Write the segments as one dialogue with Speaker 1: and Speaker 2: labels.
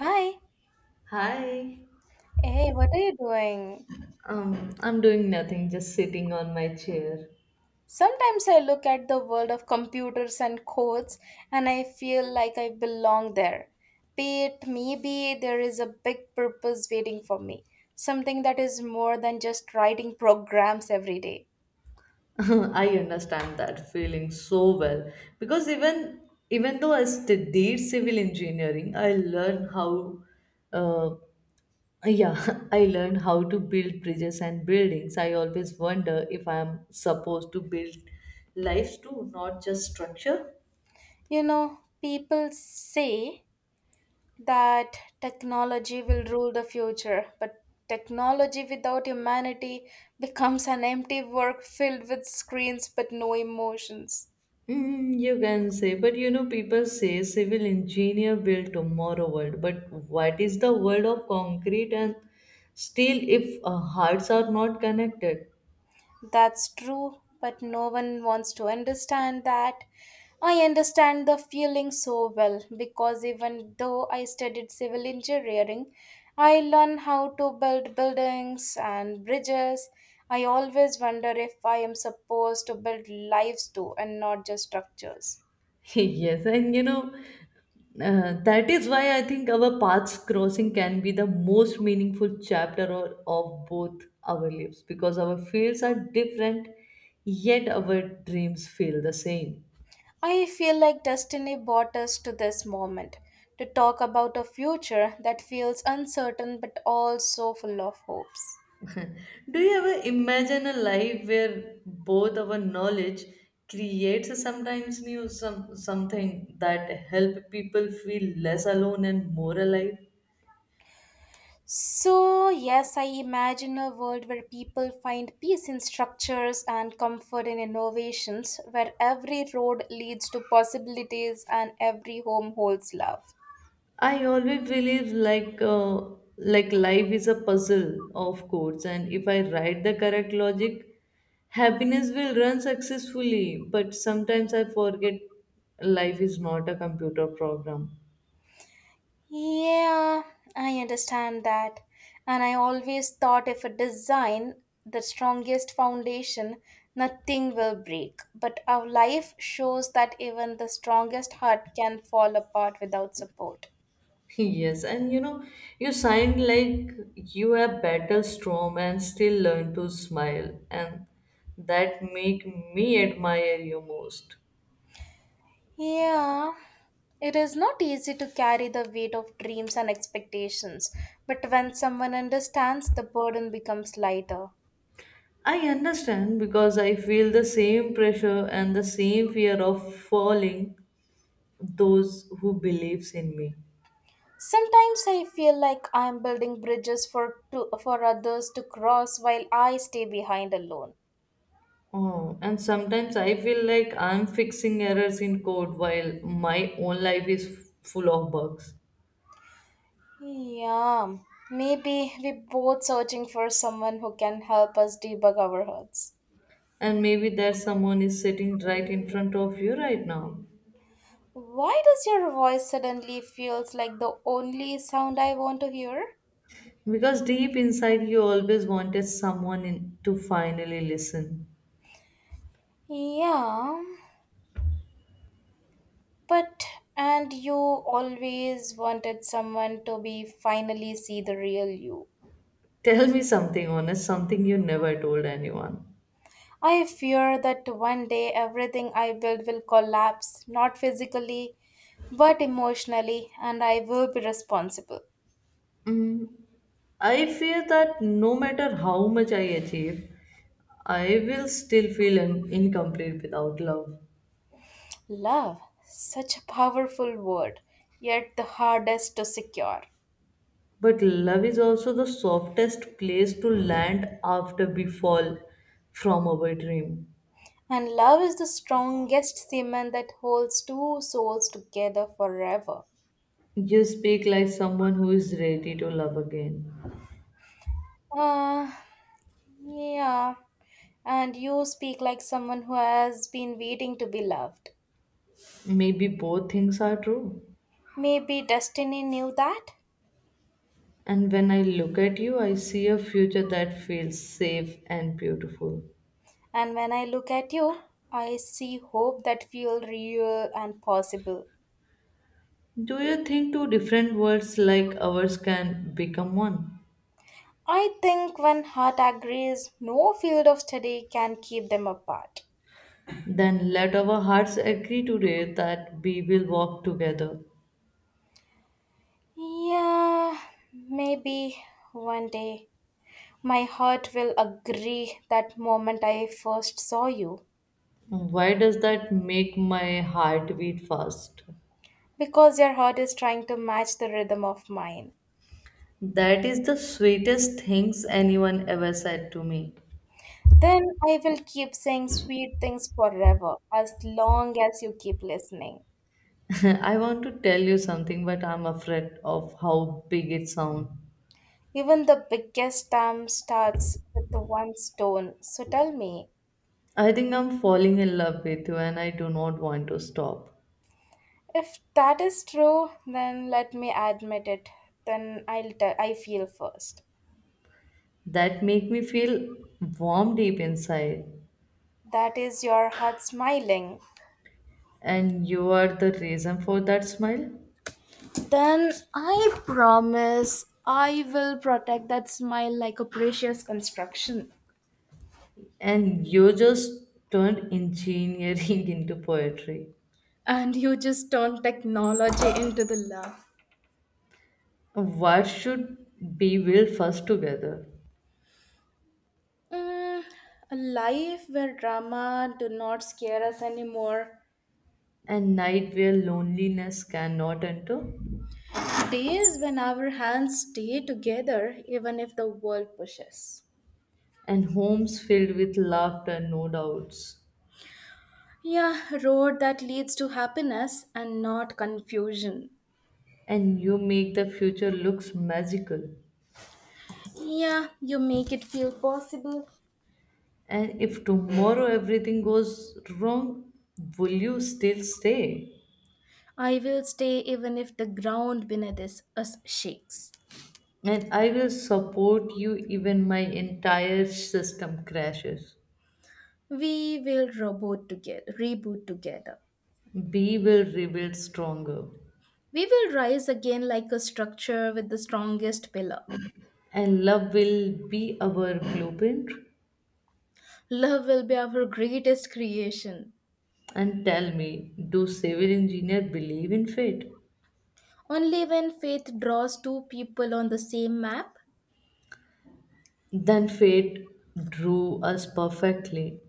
Speaker 1: Hi.
Speaker 2: Hi.
Speaker 1: Hey, what are you doing?
Speaker 2: I'm doing nothing, just sitting on my chair.
Speaker 1: Sometimes I look at the world of computers and codes, and I feel like I belong there. Be it maybe there is a big purpose waiting for me, something that is more than just writing programs every day.
Speaker 2: I understand that feeling so well because even though I studied civil engineering, I learned how, uh, yeah, I learned how to build bridges and buildings. I always wonder if I'm supposed to build lives too, not just structure.
Speaker 1: You know, people say that technology will rule the future, but technology without humanity becomes an empty work filled with screens but no emotions.
Speaker 2: You can say, but people say civil engineer build tomorrow world, but what is the world of concrete and steel if hearts are not connected?
Speaker 1: That's true, but no one wants to understand that. I understand the feeling so well because even though I studied civil engineering, I learned how to build buildings and bridges. I always wonder if I am supposed to build lives too and not just structures.
Speaker 2: Yes, and that is why I think our paths crossing can be the most meaningful chapter of both our lives because our fields are different, yet our dreams feel the same.
Speaker 1: I feel like destiny brought us to this moment to talk about a future that feels uncertain but also full of hopes.
Speaker 2: Do you ever imagine a life where both our knowledge creates sometimes new something that help people feel less alone and more alive?
Speaker 1: So, yes, I imagine a world where people find peace in structures and comfort in innovations, where every road leads to possibilities and every home holds love.
Speaker 2: I always believe like life is a puzzle, of course, and if I write the correct logic, happiness will run successfully. But sometimes I forget life is not a computer program.
Speaker 1: Yeah, I understand that. And I always thought if a design, the strongest foundation, nothing will break. But our life shows that even the strongest heart can fall apart without support.
Speaker 2: Yes, and you sound like you have battled storm and still learn to smile, and that make me admire you most.
Speaker 1: Yeah, it is not easy to carry the weight of dreams and expectations, but when someone understands, the burden becomes lighter.
Speaker 2: I understand because I feel the same pressure and the same fear of falling those who believes in me.
Speaker 1: Sometimes I feel like I am building bridges for others to cross while I stay behind alone.
Speaker 2: Oh, and sometimes I feel like I'm fixing errors in code while my own life is full of bugs.
Speaker 1: Yeah, maybe we're both searching for someone who can help us debug our hurts.
Speaker 2: And maybe there someone is sitting right in front of you right now.
Speaker 1: Why does your voice suddenly feels like the only sound I want to hear?
Speaker 2: Because deep inside you always wanted someone to finally listen.
Speaker 1: Yeah. But, and you always wanted someone to be finally see the real you.
Speaker 2: Tell me something honest, something you never told anyone.
Speaker 1: I fear that one day everything I build will collapse, not physically, but emotionally, and I will be responsible.
Speaker 2: Mm, I fear that no matter how much I achieve, I will still feel incomplete without love.
Speaker 1: Love, such a powerful word, yet the hardest to secure.
Speaker 2: But love is also the softest place to land after we fall from our dream.
Speaker 1: And love is the strongest cement that holds two souls together forever.
Speaker 2: You speak like someone who is ready to love again.
Speaker 1: Uh, yeah. And you speak like someone who has been waiting to be loved.
Speaker 2: Maybe both things are true.
Speaker 1: Maybe destiny knew that,
Speaker 2: And when I look at you, I see a future that feels safe and beautiful.
Speaker 1: and when I look at you, I see hope that feels real and possible.
Speaker 2: Do you think two different worlds like ours can become one?
Speaker 1: I think when heart agrees, no field of study can keep them apart.
Speaker 2: Then let our hearts agree today that we will walk together.
Speaker 1: Yeah, maybe one day my heart will agree that moment I first saw you
Speaker 2: Why does that make my heart beat fast?
Speaker 1: because your heart is trying to match the rhythm of mine.
Speaker 2: That is the sweetest things anyone ever said to me.
Speaker 1: Then I will keep saying sweet things forever, as long as you keep listening.
Speaker 2: I want to tell you something, but I'm afraid of how big it sounds.
Speaker 1: Even the biggest dam starts with the one stone. So tell me,
Speaker 2: I think I'm falling in love with you and I do not want to stop.
Speaker 1: if that is true, then let me admit it. Then I'll tell. I feel first.
Speaker 2: That make me feel warm deep inside.
Speaker 1: That is your heart smiling.
Speaker 2: And you are the reason for that smile.
Speaker 1: Then I promise I will protect that smile like a precious construction.
Speaker 2: And you just turned engineering into poetry.
Speaker 1: And you just turn technology into the love.
Speaker 2: What should be will first together?
Speaker 1: Mm, a life where drama do not scare us anymore.
Speaker 2: A night where loneliness cannot enter,
Speaker 1: Days when our hands stay together even if the world pushes.
Speaker 2: and homes filled with laughter, no doubts.
Speaker 1: Yeah, road that leads to happiness and not confusion.
Speaker 2: And you make the future looks magical.
Speaker 1: Yeah, you make it feel possible.
Speaker 2: And if tomorrow everything goes wrong, will you still stay?
Speaker 1: I will stay even if the ground beneath us shakes.
Speaker 2: And I will support you even my entire system crashes.
Speaker 1: We will reboot together, reboot together.
Speaker 2: We will rebuild stronger.
Speaker 1: We will rise again like a structure with the strongest pillar.
Speaker 2: And love will be our blueprint.
Speaker 1: Love will be our greatest creation.
Speaker 2: And tell me, do civil engineer believe in fate?
Speaker 1: Only when faith draws two people on the same map,
Speaker 2: Then fate drew us perfectly.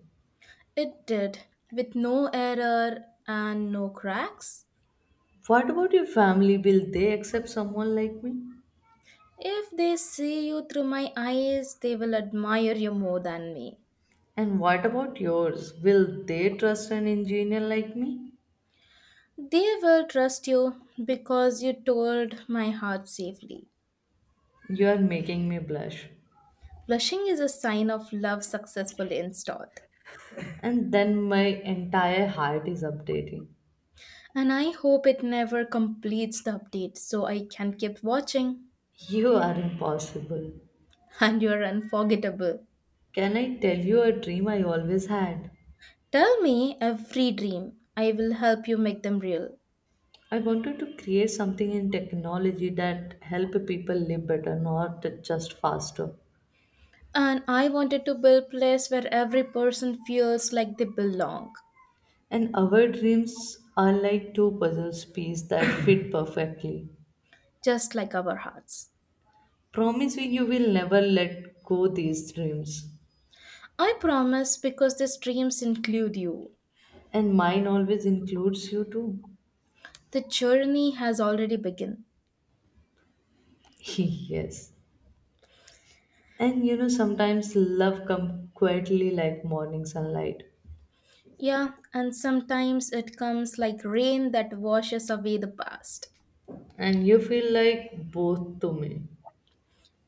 Speaker 1: it did, with no error and no cracks.
Speaker 2: What about your family? Will they accept someone like me?
Speaker 1: If they see you through my eyes, they will admire you more than me.
Speaker 2: And what about yours? Will they trust an engineer like me?
Speaker 1: They will trust you because you told my heart safely.
Speaker 2: You are making me blush.
Speaker 1: Blushing is a sign of love successful in Stoth.
Speaker 2: And then my entire heart is updating.
Speaker 1: And I hope it never completes the update so I can keep watching.
Speaker 2: You are impossible.
Speaker 1: And you're unforgettable.
Speaker 2: Can I tell you a dream I always had?
Speaker 1: Tell me every dream. I will help you make them real.
Speaker 2: I wanted to create something in technology that help people live better, not just faster.
Speaker 1: And I wanted to build place where every person feels like they belong,
Speaker 2: And our dreams are like two puzzle pieces that fit perfectly.
Speaker 1: just like our hearts.
Speaker 2: Promise me you will never let go these dreams.
Speaker 1: I promise because these dreams include you.
Speaker 2: And mine always includes you too.
Speaker 1: The journey has already begun.
Speaker 2: Yes. And sometimes love comes quietly like morning sunlight.
Speaker 1: Yeah, and sometimes it comes like rain that washes away the past.
Speaker 2: And you feel like both to me.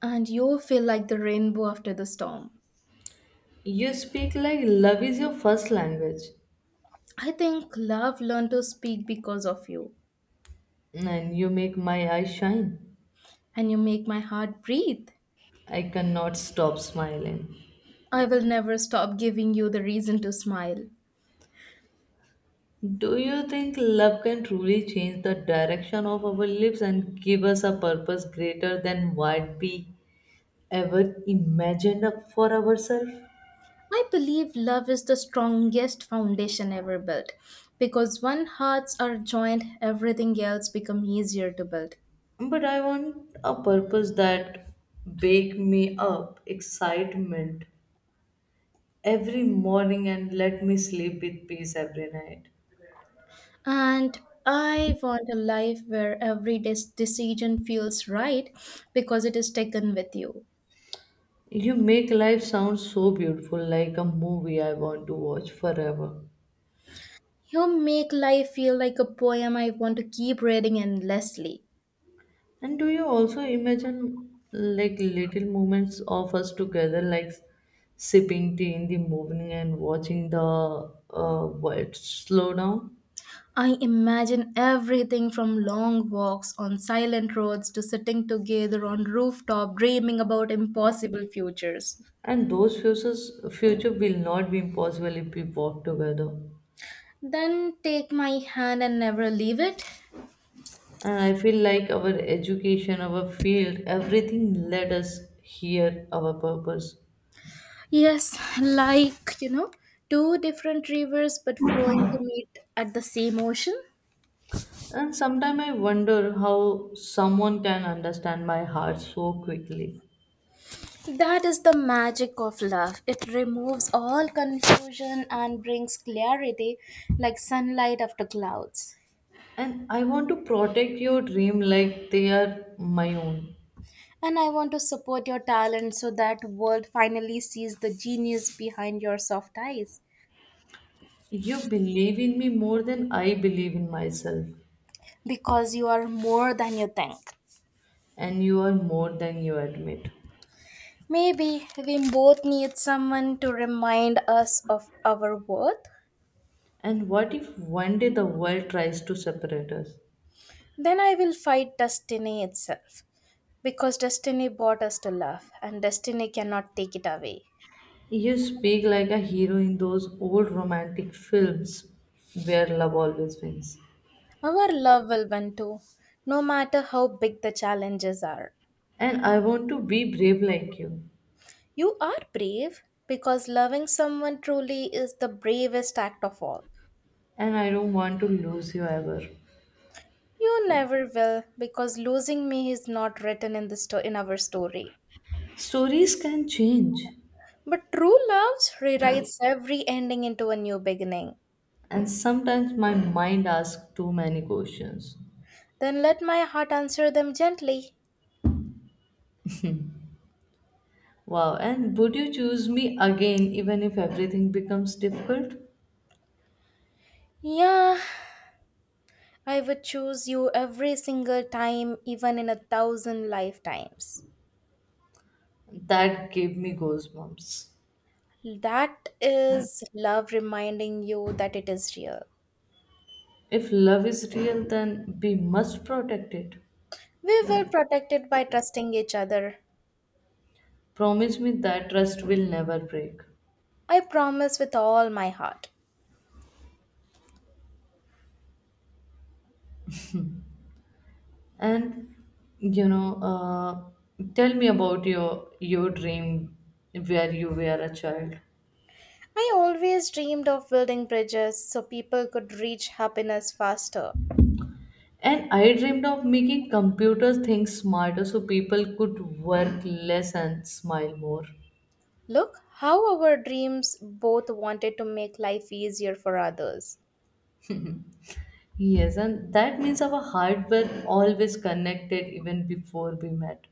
Speaker 1: And you feel like the rainbow after the storm.
Speaker 2: You speak like love is your first language.
Speaker 1: I think love learned to speak because of you.
Speaker 2: And you make my eyes shine.
Speaker 1: And you make my heart breathe.
Speaker 2: I cannot stop smiling.
Speaker 1: I will never stop giving you the reason to smile.
Speaker 2: Do you think love can truly change the direction of our lives and give us a purpose greater than what we ever imagined up for ourselves?
Speaker 1: I believe love is the strongest foundation ever built because when hearts are joined, everything else becomes easier to build.
Speaker 2: But I want a purpose that wake me up excitement every morning and let me sleep with peace every night.
Speaker 1: And I want a life where every decision feels right because it is taken with you.
Speaker 2: You make life sound so beautiful like a movie I want to watch forever.
Speaker 1: You make life feel like a poem I want to keep reading endlessly.
Speaker 2: And do you also imagine like little moments of us together like sipping tea in the morning and watching the world slow down?
Speaker 1: I imagine everything from long walks on silent roads to sitting together on rooftop dreaming about impossible futures.
Speaker 2: And those future will not be impossible if we walk together.
Speaker 1: Then take my hand and never leave it.
Speaker 2: And I feel like our education, our field, everything led us here, our purpose.
Speaker 1: Yes, like, you know, two different rivers but flowing to meet at the same ocean.
Speaker 2: And sometimes I wonder how someone can understand my heart so quickly.
Speaker 1: That is the magic of love. It removes all confusion and brings clarity like sunlight after clouds.
Speaker 2: And I want to protect your dream like they are my own.
Speaker 1: And I want to support your talent so that world finally sees the genius behind your soft eyes
Speaker 2: You believe in me more than I believe in myself,
Speaker 1: because you are more than you think.
Speaker 2: and you are more than you admit.
Speaker 1: Maybe we both need someone to remind us of our worth.
Speaker 2: And what if one day the world tries to separate us?
Speaker 1: Then I will fight destiny itself because destiny brought us to love and destiny cannot take it away.
Speaker 2: You speak like a hero in those old romantic films where love always wins.
Speaker 1: Our love will win too, no matter how big the challenges are.
Speaker 2: And I want to be brave like you.
Speaker 1: You are brave because loving someone truly is the bravest act of all.
Speaker 2: And I don't want to lose you ever.
Speaker 1: You never will, because losing me is not written in our story.
Speaker 2: Stories can change.
Speaker 1: But true love rewrites every ending into a new beginning.
Speaker 2: And sometimes my mind asks too many questions.
Speaker 1: Then let my heart answer them gently.
Speaker 2: Wow, and would you choose me again even if everything becomes difficult?
Speaker 1: Yeah, I would choose you every single time, even in a thousand lifetimes.
Speaker 2: That gave me goosebumps.
Speaker 1: That is love reminding you that it is real.
Speaker 2: If love is real, then we must protect it.
Speaker 1: We will protect it by trusting each other.
Speaker 2: Promise me that trust will never break.
Speaker 1: I promise with all my heart.
Speaker 2: And tell me about your dream where you were a child.
Speaker 1: I always dreamed of building bridges so people could reach happiness faster.
Speaker 2: And I dreamed of making computers think smarter so people could work less and smile more.
Speaker 1: Look how our dreams both wanted to make life easier for others.
Speaker 2: Yes, and that means our heart were always connected even before we met.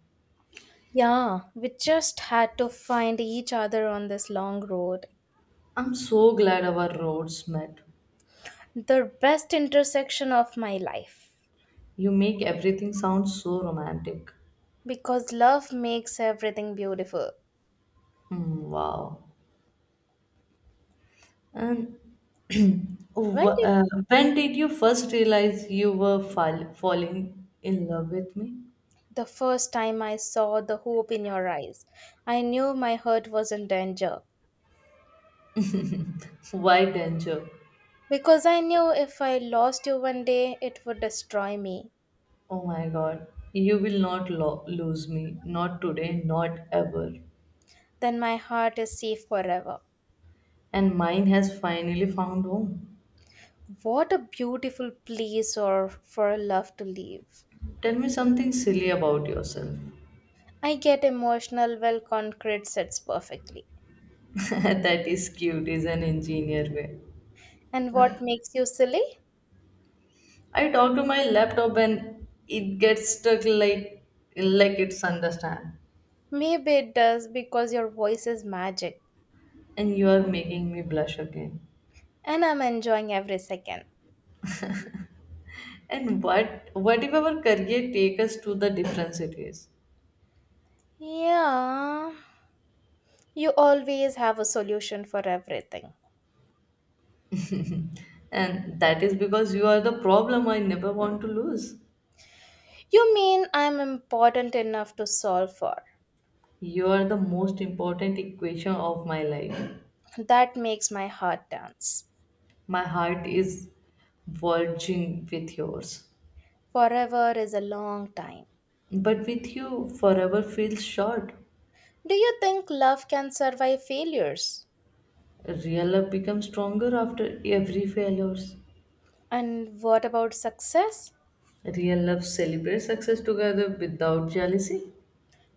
Speaker 1: Yeah, we just had to find each other on this long road,
Speaker 2: I'm so glad our roads met.
Speaker 1: the best intersection of my life.
Speaker 2: You make everything sound so romantic.
Speaker 1: Because love makes everything beautiful.
Speaker 2: Hmm, wow. And
Speaker 1: When
Speaker 2: wh-
Speaker 1: did
Speaker 2: uh, when did you first realize you were falling in love with me?
Speaker 1: the first time I saw the hope in your eyes, I knew my heart was in danger.
Speaker 2: Why danger?
Speaker 1: Because I knew if I lost you one day, it would destroy me.
Speaker 2: Oh my god, you will not lose me. Not today, not ever.
Speaker 1: Then my heart is safe forever.
Speaker 2: And mine has finally found home.
Speaker 1: What a beautiful place or for love to live.
Speaker 2: Tell me something silly about yourself.
Speaker 1: I get emotional well concrete sets perfectly.
Speaker 2: That is cute, is an engineer way.
Speaker 1: And what makes you silly?
Speaker 2: I talk to my laptop and it gets stuck like it's understand.
Speaker 1: Maybe it does because your voice is magic
Speaker 2: And you are making me blush again.
Speaker 1: and I'm enjoying every second.
Speaker 2: And what if our career take us to the different cities?
Speaker 1: Yeah. You always have a solution for everything.
Speaker 2: And that is because you are the problem I never want to lose.
Speaker 1: You mean I'm important enough to solve for.
Speaker 2: You are the most important equation of my life.
Speaker 1: That makes my heart dance.
Speaker 2: My heart is verging with yours.
Speaker 1: Forever is a long time.
Speaker 2: But with you forever feels short.
Speaker 1: Do you think love can survive failures?
Speaker 2: Real love becomes stronger after every failures.
Speaker 1: And what about success?
Speaker 2: Real love celebrates success together without jealousy.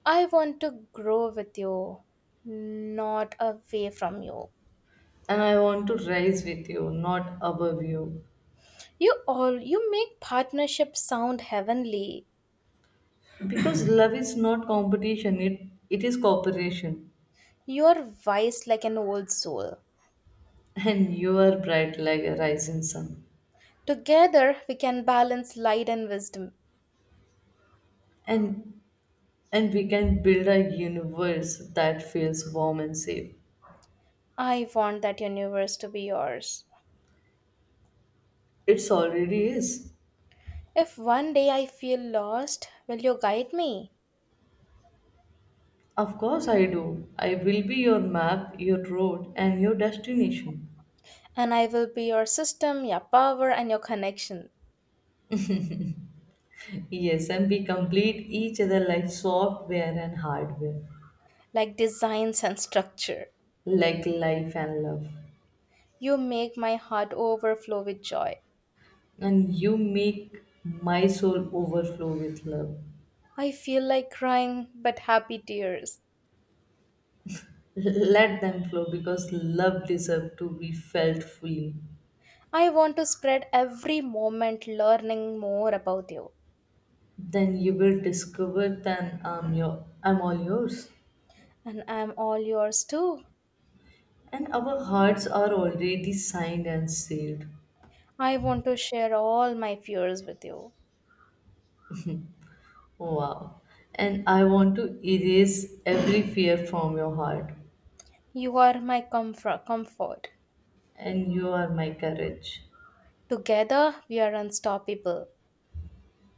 Speaker 1: I want to grow with you, not away from you.
Speaker 2: And I want to rise with you, not above you.
Speaker 1: You all you make partnership sound heavenly.
Speaker 2: Because love is not competition, it is cooperation.
Speaker 1: You're wise like an old soul.
Speaker 2: And you are bright like a rising sun.
Speaker 1: Together we can balance light and wisdom.
Speaker 2: And and we can build a universe that feels warm and safe.
Speaker 1: I want that universe to be yours.
Speaker 2: It's already is.
Speaker 1: If one day I feel lost, will you guide me?
Speaker 2: Of course I do. I will be your map, your road and your destination.
Speaker 1: And I will be your system, your power, and your connection,
Speaker 2: Yes, and we complete each other like software and hardware,
Speaker 1: like designs and structure.
Speaker 2: like life and love.
Speaker 1: You make my heart overflow with joy.
Speaker 2: And you make my soul overflow with love.
Speaker 1: I feel like crying, but happy tears.
Speaker 2: Let them flow because love deserves to be felt fully.
Speaker 1: I want to spread every moment learning more about you.
Speaker 2: Then you will discover that I'm all yours.
Speaker 1: And I'm all yours too.
Speaker 2: And our hearts are already signed and sealed.
Speaker 1: I want to share all my fears with you.
Speaker 2: Wow. And I want to erase every fear from your heart.
Speaker 1: You are my comfort.
Speaker 2: And you are my courage.
Speaker 1: Together, we are unstoppable.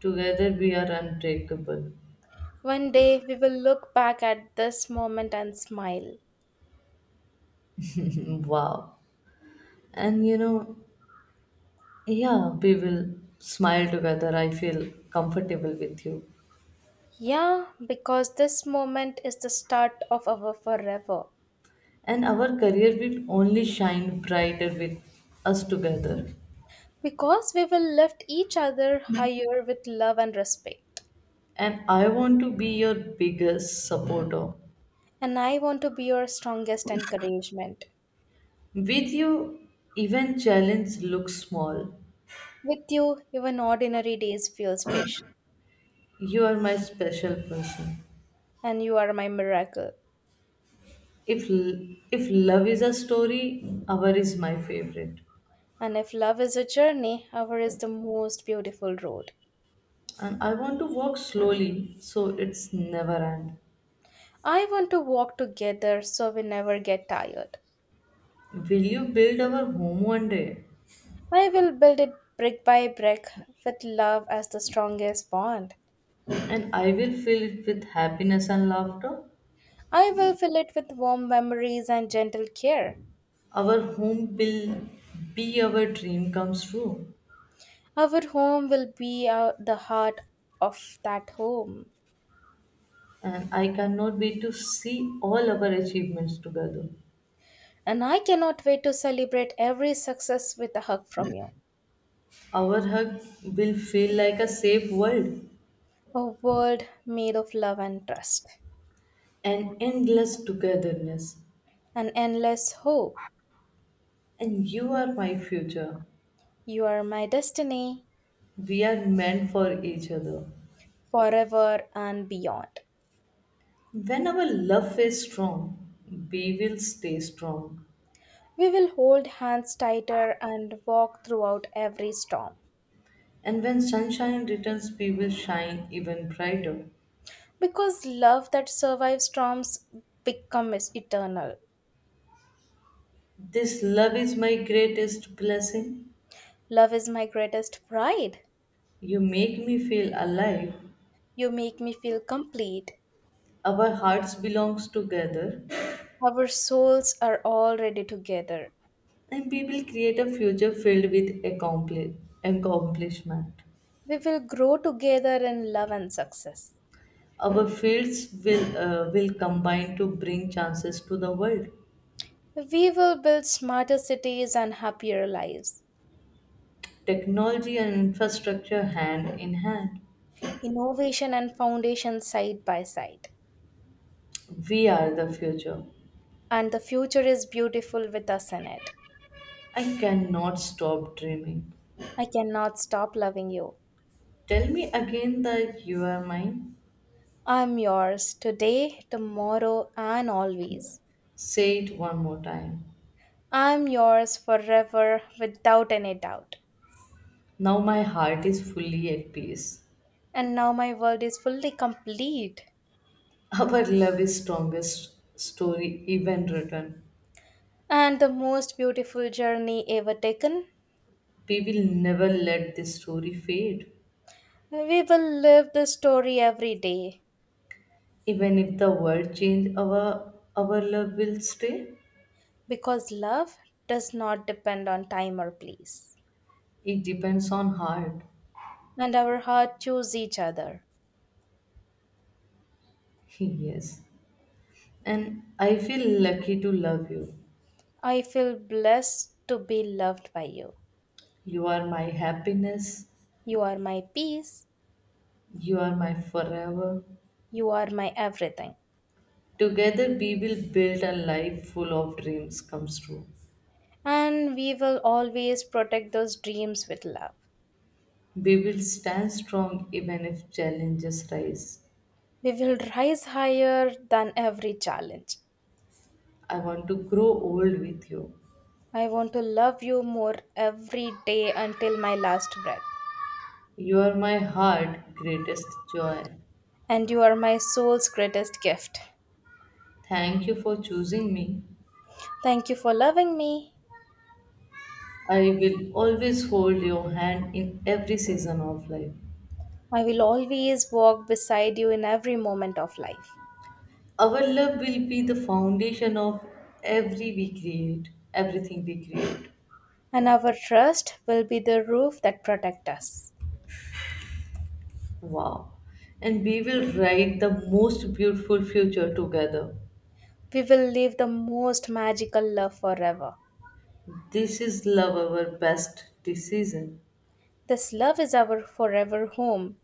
Speaker 2: Together we are unbreakable.
Speaker 1: One day, we will look back at this moment and smile.
Speaker 2: Wow. And yeah, we will smile together. I feel comfortable with you.
Speaker 1: Yeah, because this moment is the start of our forever.
Speaker 2: And our career will only shine brighter with us together.
Speaker 1: Because we will lift each other higher with love and respect.
Speaker 2: And I want to be your biggest supporter.
Speaker 1: And I want to be your strongest encouragement.
Speaker 2: With you, even challenge looks small.
Speaker 1: With you, even ordinary days feel special.
Speaker 2: You are my special person.
Speaker 1: And you are my miracle.
Speaker 2: If love is a story, our is my favorite.
Speaker 1: And if love is a journey, our is the most beautiful road.
Speaker 2: And I want to walk slowly so it's never end.
Speaker 1: I want to walk together so we never get tired.
Speaker 2: Will you build our home one day?
Speaker 1: I will build it brick by brick with love as the strongest bond.
Speaker 2: And I will fill it with happiness and laughter.
Speaker 1: I will fill it with warm memories and gentle care.
Speaker 2: Our home will be our dream comes true,
Speaker 1: Our home will be the heart of that home.
Speaker 2: and I cannot wait to see all our achievements together.
Speaker 1: And I cannot wait to celebrate every success with a hug from you.
Speaker 2: Our hug will feel like a safe world,
Speaker 1: A world made of love and trust.
Speaker 2: an endless togetherness.
Speaker 1: An endless hope.
Speaker 2: And you are my future.
Speaker 1: You are my destiny,
Speaker 2: We are meant for each other.
Speaker 1: forever and beyond.
Speaker 2: When our love is strong, we will stay strong.
Speaker 1: We will hold hands tighter and walk throughout every storm.
Speaker 2: And when sunshine returns, we will shine even brighter.
Speaker 1: Because love that survives storms becomes eternal.
Speaker 2: This love is my greatest blessing.
Speaker 1: Love is my greatest pride.
Speaker 2: You make me feel alive.
Speaker 1: You make me feel complete.
Speaker 2: Our hearts belongs together,
Speaker 1: Our souls are already together.
Speaker 2: and we will create a future filled with accomplishment.
Speaker 1: We will grow together in love and success.
Speaker 2: Our fields will combine to bring chances to the world.
Speaker 1: We will build smarter cities and happier lives,
Speaker 2: Technology and infrastructure hand in hand.
Speaker 1: innovation and foundation side by side.
Speaker 2: We are the future.
Speaker 1: And the future is beautiful with us in it.
Speaker 2: I cannot stop dreaming.
Speaker 1: I cannot stop loving you.
Speaker 2: Tell me again that you are mine.
Speaker 1: I'm yours today, tomorrow, and always.
Speaker 2: Say it one more time.
Speaker 1: I'm yours forever without any doubt.
Speaker 2: Now my heart is fully at peace.
Speaker 1: And now my world is fully complete
Speaker 2: Our love is strongest story even written.
Speaker 1: and the most beautiful journey ever taken.
Speaker 2: We will never let this story fade.
Speaker 1: We will live this story every day
Speaker 2: Even if the world change, our love will stay.
Speaker 1: because love does not depend on time or place,
Speaker 2: It depends on heart.
Speaker 1: and our heart choose each other.
Speaker 2: Yes. And I feel lucky to love you.
Speaker 1: I feel blessed to be loved by you.
Speaker 2: You are my happiness.
Speaker 1: You are my peace,
Speaker 2: You are my forever.
Speaker 1: you are my everything,
Speaker 2: Together we will build a life full of dreams comes true.
Speaker 1: and we will always protect those dreams with love.
Speaker 2: We will stand strong even if challenges rise.
Speaker 1: We will rise higher than every challenge.
Speaker 2: I want to grow old with you.
Speaker 1: I want to love you more every day until my last breath.
Speaker 2: You are my heart greatest joy.
Speaker 1: And you are my soul's greatest gift.
Speaker 2: Thank you for choosing me.
Speaker 1: Thank you for loving me.
Speaker 2: I will always hold your hand in every season of life.
Speaker 1: I will always walk beside you in every moment of life.
Speaker 2: Our love will be the foundation of everything we create.
Speaker 1: And our trust will be the roof that protects us.
Speaker 2: Wow. And we will write the most beautiful future together.
Speaker 1: We will live the most magical love forever.
Speaker 2: This is love our best decision.
Speaker 1: This love is our forever home.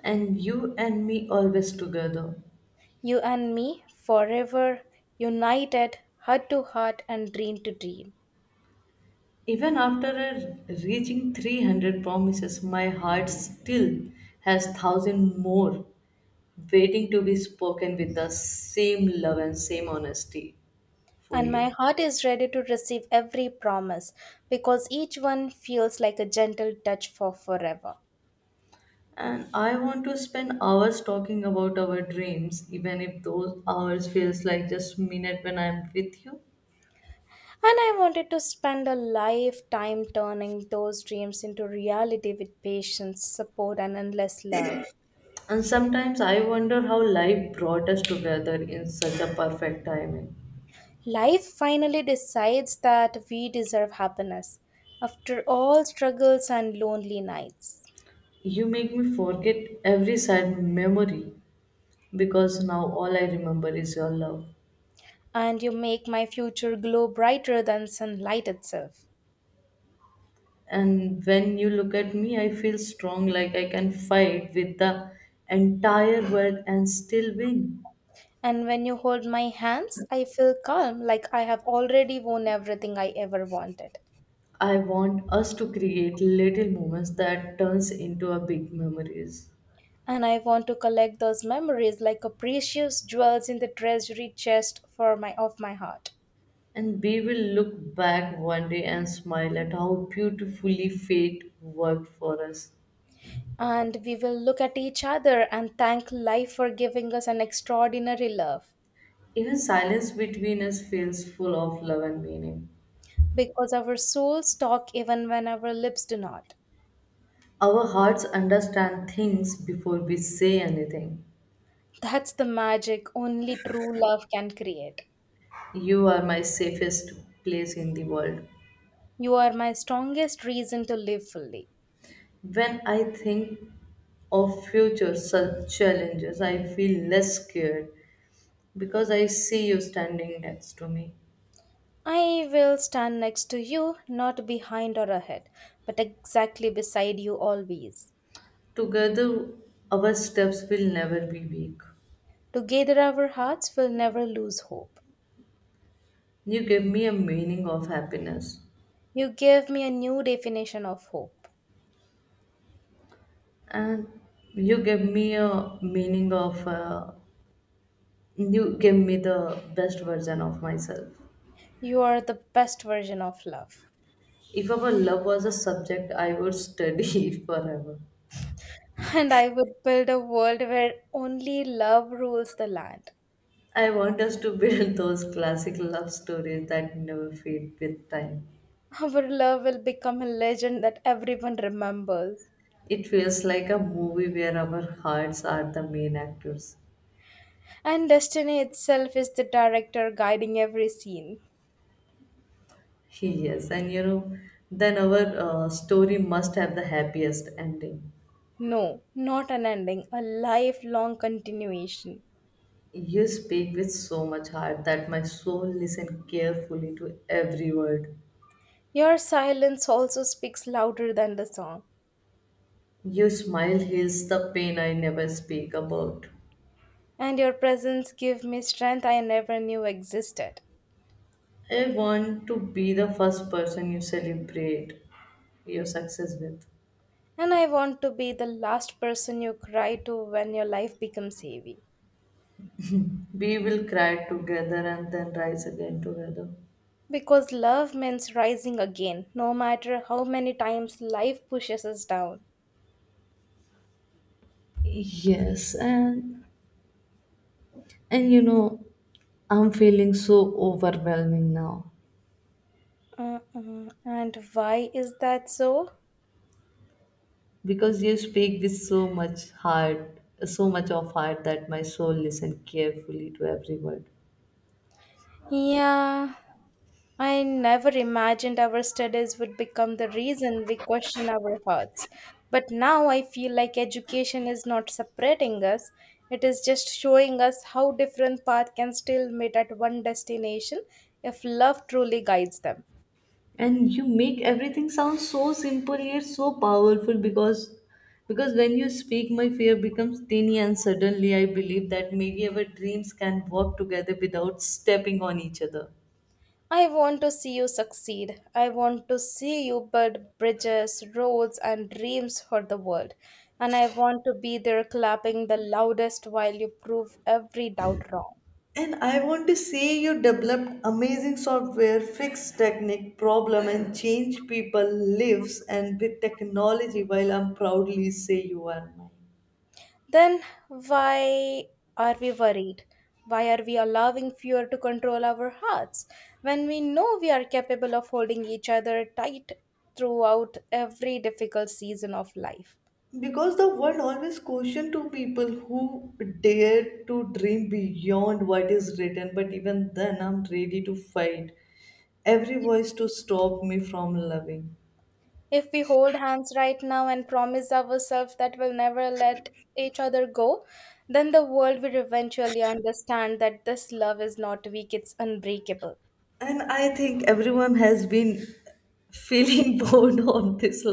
Speaker 2: And you and me always together.
Speaker 1: You and me, forever, united, heart to heart, and dream to dream.
Speaker 2: Even after reaching 300 promises, my heart still has thousand more waiting to be spoken with the same love and same honesty for
Speaker 1: And my
Speaker 2: you.
Speaker 1: heart is ready to receive every promise because each one feels like a gentle touch for forever.
Speaker 2: And I want to spend hours talking about our dreams, even if those hours feels like just minute when I'm with you.
Speaker 1: And I wanted to spend a lifetime turning those dreams into reality with patience, support, and endless love.
Speaker 2: And sometimes I wonder how life brought us together in such a perfect timing.
Speaker 1: Life finally decides that we deserve happiness after all struggles and lonely nights.
Speaker 2: You make me forget every sad memory because now all I remember is your love.
Speaker 1: And you make my future glow brighter than sunlight itself.
Speaker 2: And when you look at me, I feel strong, like I can fight with the entire world and still win.
Speaker 1: And when you hold my hands, I feel calm, like I have already won everything I ever wanted.
Speaker 2: I want us to create little moments that turns into a big memories.
Speaker 1: And I want to collect those memories like a precious jewels in the treasury chest for my of my heart.
Speaker 2: And we will look back one day and smile at how beautifully fate worked for us.
Speaker 1: And we will look at each other and thank life for giving us an extraordinary love.
Speaker 2: Even silence between us feels full of love and meaning.
Speaker 1: Because our souls talk even when our lips do not.
Speaker 2: Our hearts understand things before we say anything.
Speaker 1: That's the magic only true love can create.
Speaker 2: You are my safest place in the world.
Speaker 1: You are my strongest reason to live fully.
Speaker 2: When I think of future challenges, I feel less scared because I see you standing next to me.
Speaker 1: I will stand next to you, not behind or ahead, but exactly beside you always.
Speaker 2: Together, our steps will never be weak.
Speaker 1: Together, our hearts will never lose hope.
Speaker 2: You give me a meaning of happiness,
Speaker 1: You gave me a new definition of hope.
Speaker 2: and you give me a meaning of you give me the best version of myself.
Speaker 1: You are the best version of love.
Speaker 2: If our love was a subject, I would study it forever.
Speaker 1: And I would build a world where only love rules the land.
Speaker 2: I want us to build those classic love stories that never fade with time.
Speaker 1: Our love will become a legend that everyone remembers.
Speaker 2: It feels like a movie where our hearts are the main actors.
Speaker 1: And destiny itself is the director guiding every scene.
Speaker 2: Yes, and then our story must have the happiest ending.
Speaker 1: No, not an ending, a lifelong continuation.
Speaker 2: You speak with so much heart that my soul listens carefully to every word.
Speaker 1: Your silence also speaks louder than the song,
Speaker 2: Your smile heals the pain I never speak about.
Speaker 1: and your presence gives me strength I never knew existed.
Speaker 2: I want to be the first person you celebrate your success with.
Speaker 1: And I want to be the last person you cry to when your life becomes heavy.
Speaker 2: We will cry together and then rise again together.
Speaker 1: Because love means rising again, no matter how many times life pushes us down.
Speaker 2: Yes, and and you know, I'm feeling so overwhelming now
Speaker 1: Mm-mm. And why is that so?
Speaker 2: because you speak with so much heart, so much of heart that my soul listen carefully to every word.
Speaker 1: Yeah, I never imagined our studies would become the reason we question our hearts. But now I feel like education is not separating us, it is just showing us how different paths can still meet at one destination if love truly guides them.
Speaker 2: And you make everything sound so simple yet so powerful because when you speak my fear becomes tiny and suddenly I believe that maybe our dreams can walk together without stepping on each other.
Speaker 1: I want to see you succeed. I want to see you build bridges, roads, and dreams for the world. And I want to be there clapping the loudest while you prove every doubt wrong.
Speaker 2: And I want to see you develop amazing software, fix technique problem, and change people lives and with technology. While I'm proudly say you are mine,
Speaker 1: Then why are we worried? Why are we allowing fear to control our hearts when we know we are capable of holding each other tight throughout every difficult season of life?
Speaker 2: because the world always question to people who dare to dream beyond what is written. But even then, I'm ready to fight every voice to stop me from loving.
Speaker 1: If we hold hands right now and promise ourselves that we'll never let each other go, then the world will eventually understand that this love is not weak, it's unbreakable.
Speaker 2: And I think everyone has been feeling bored on this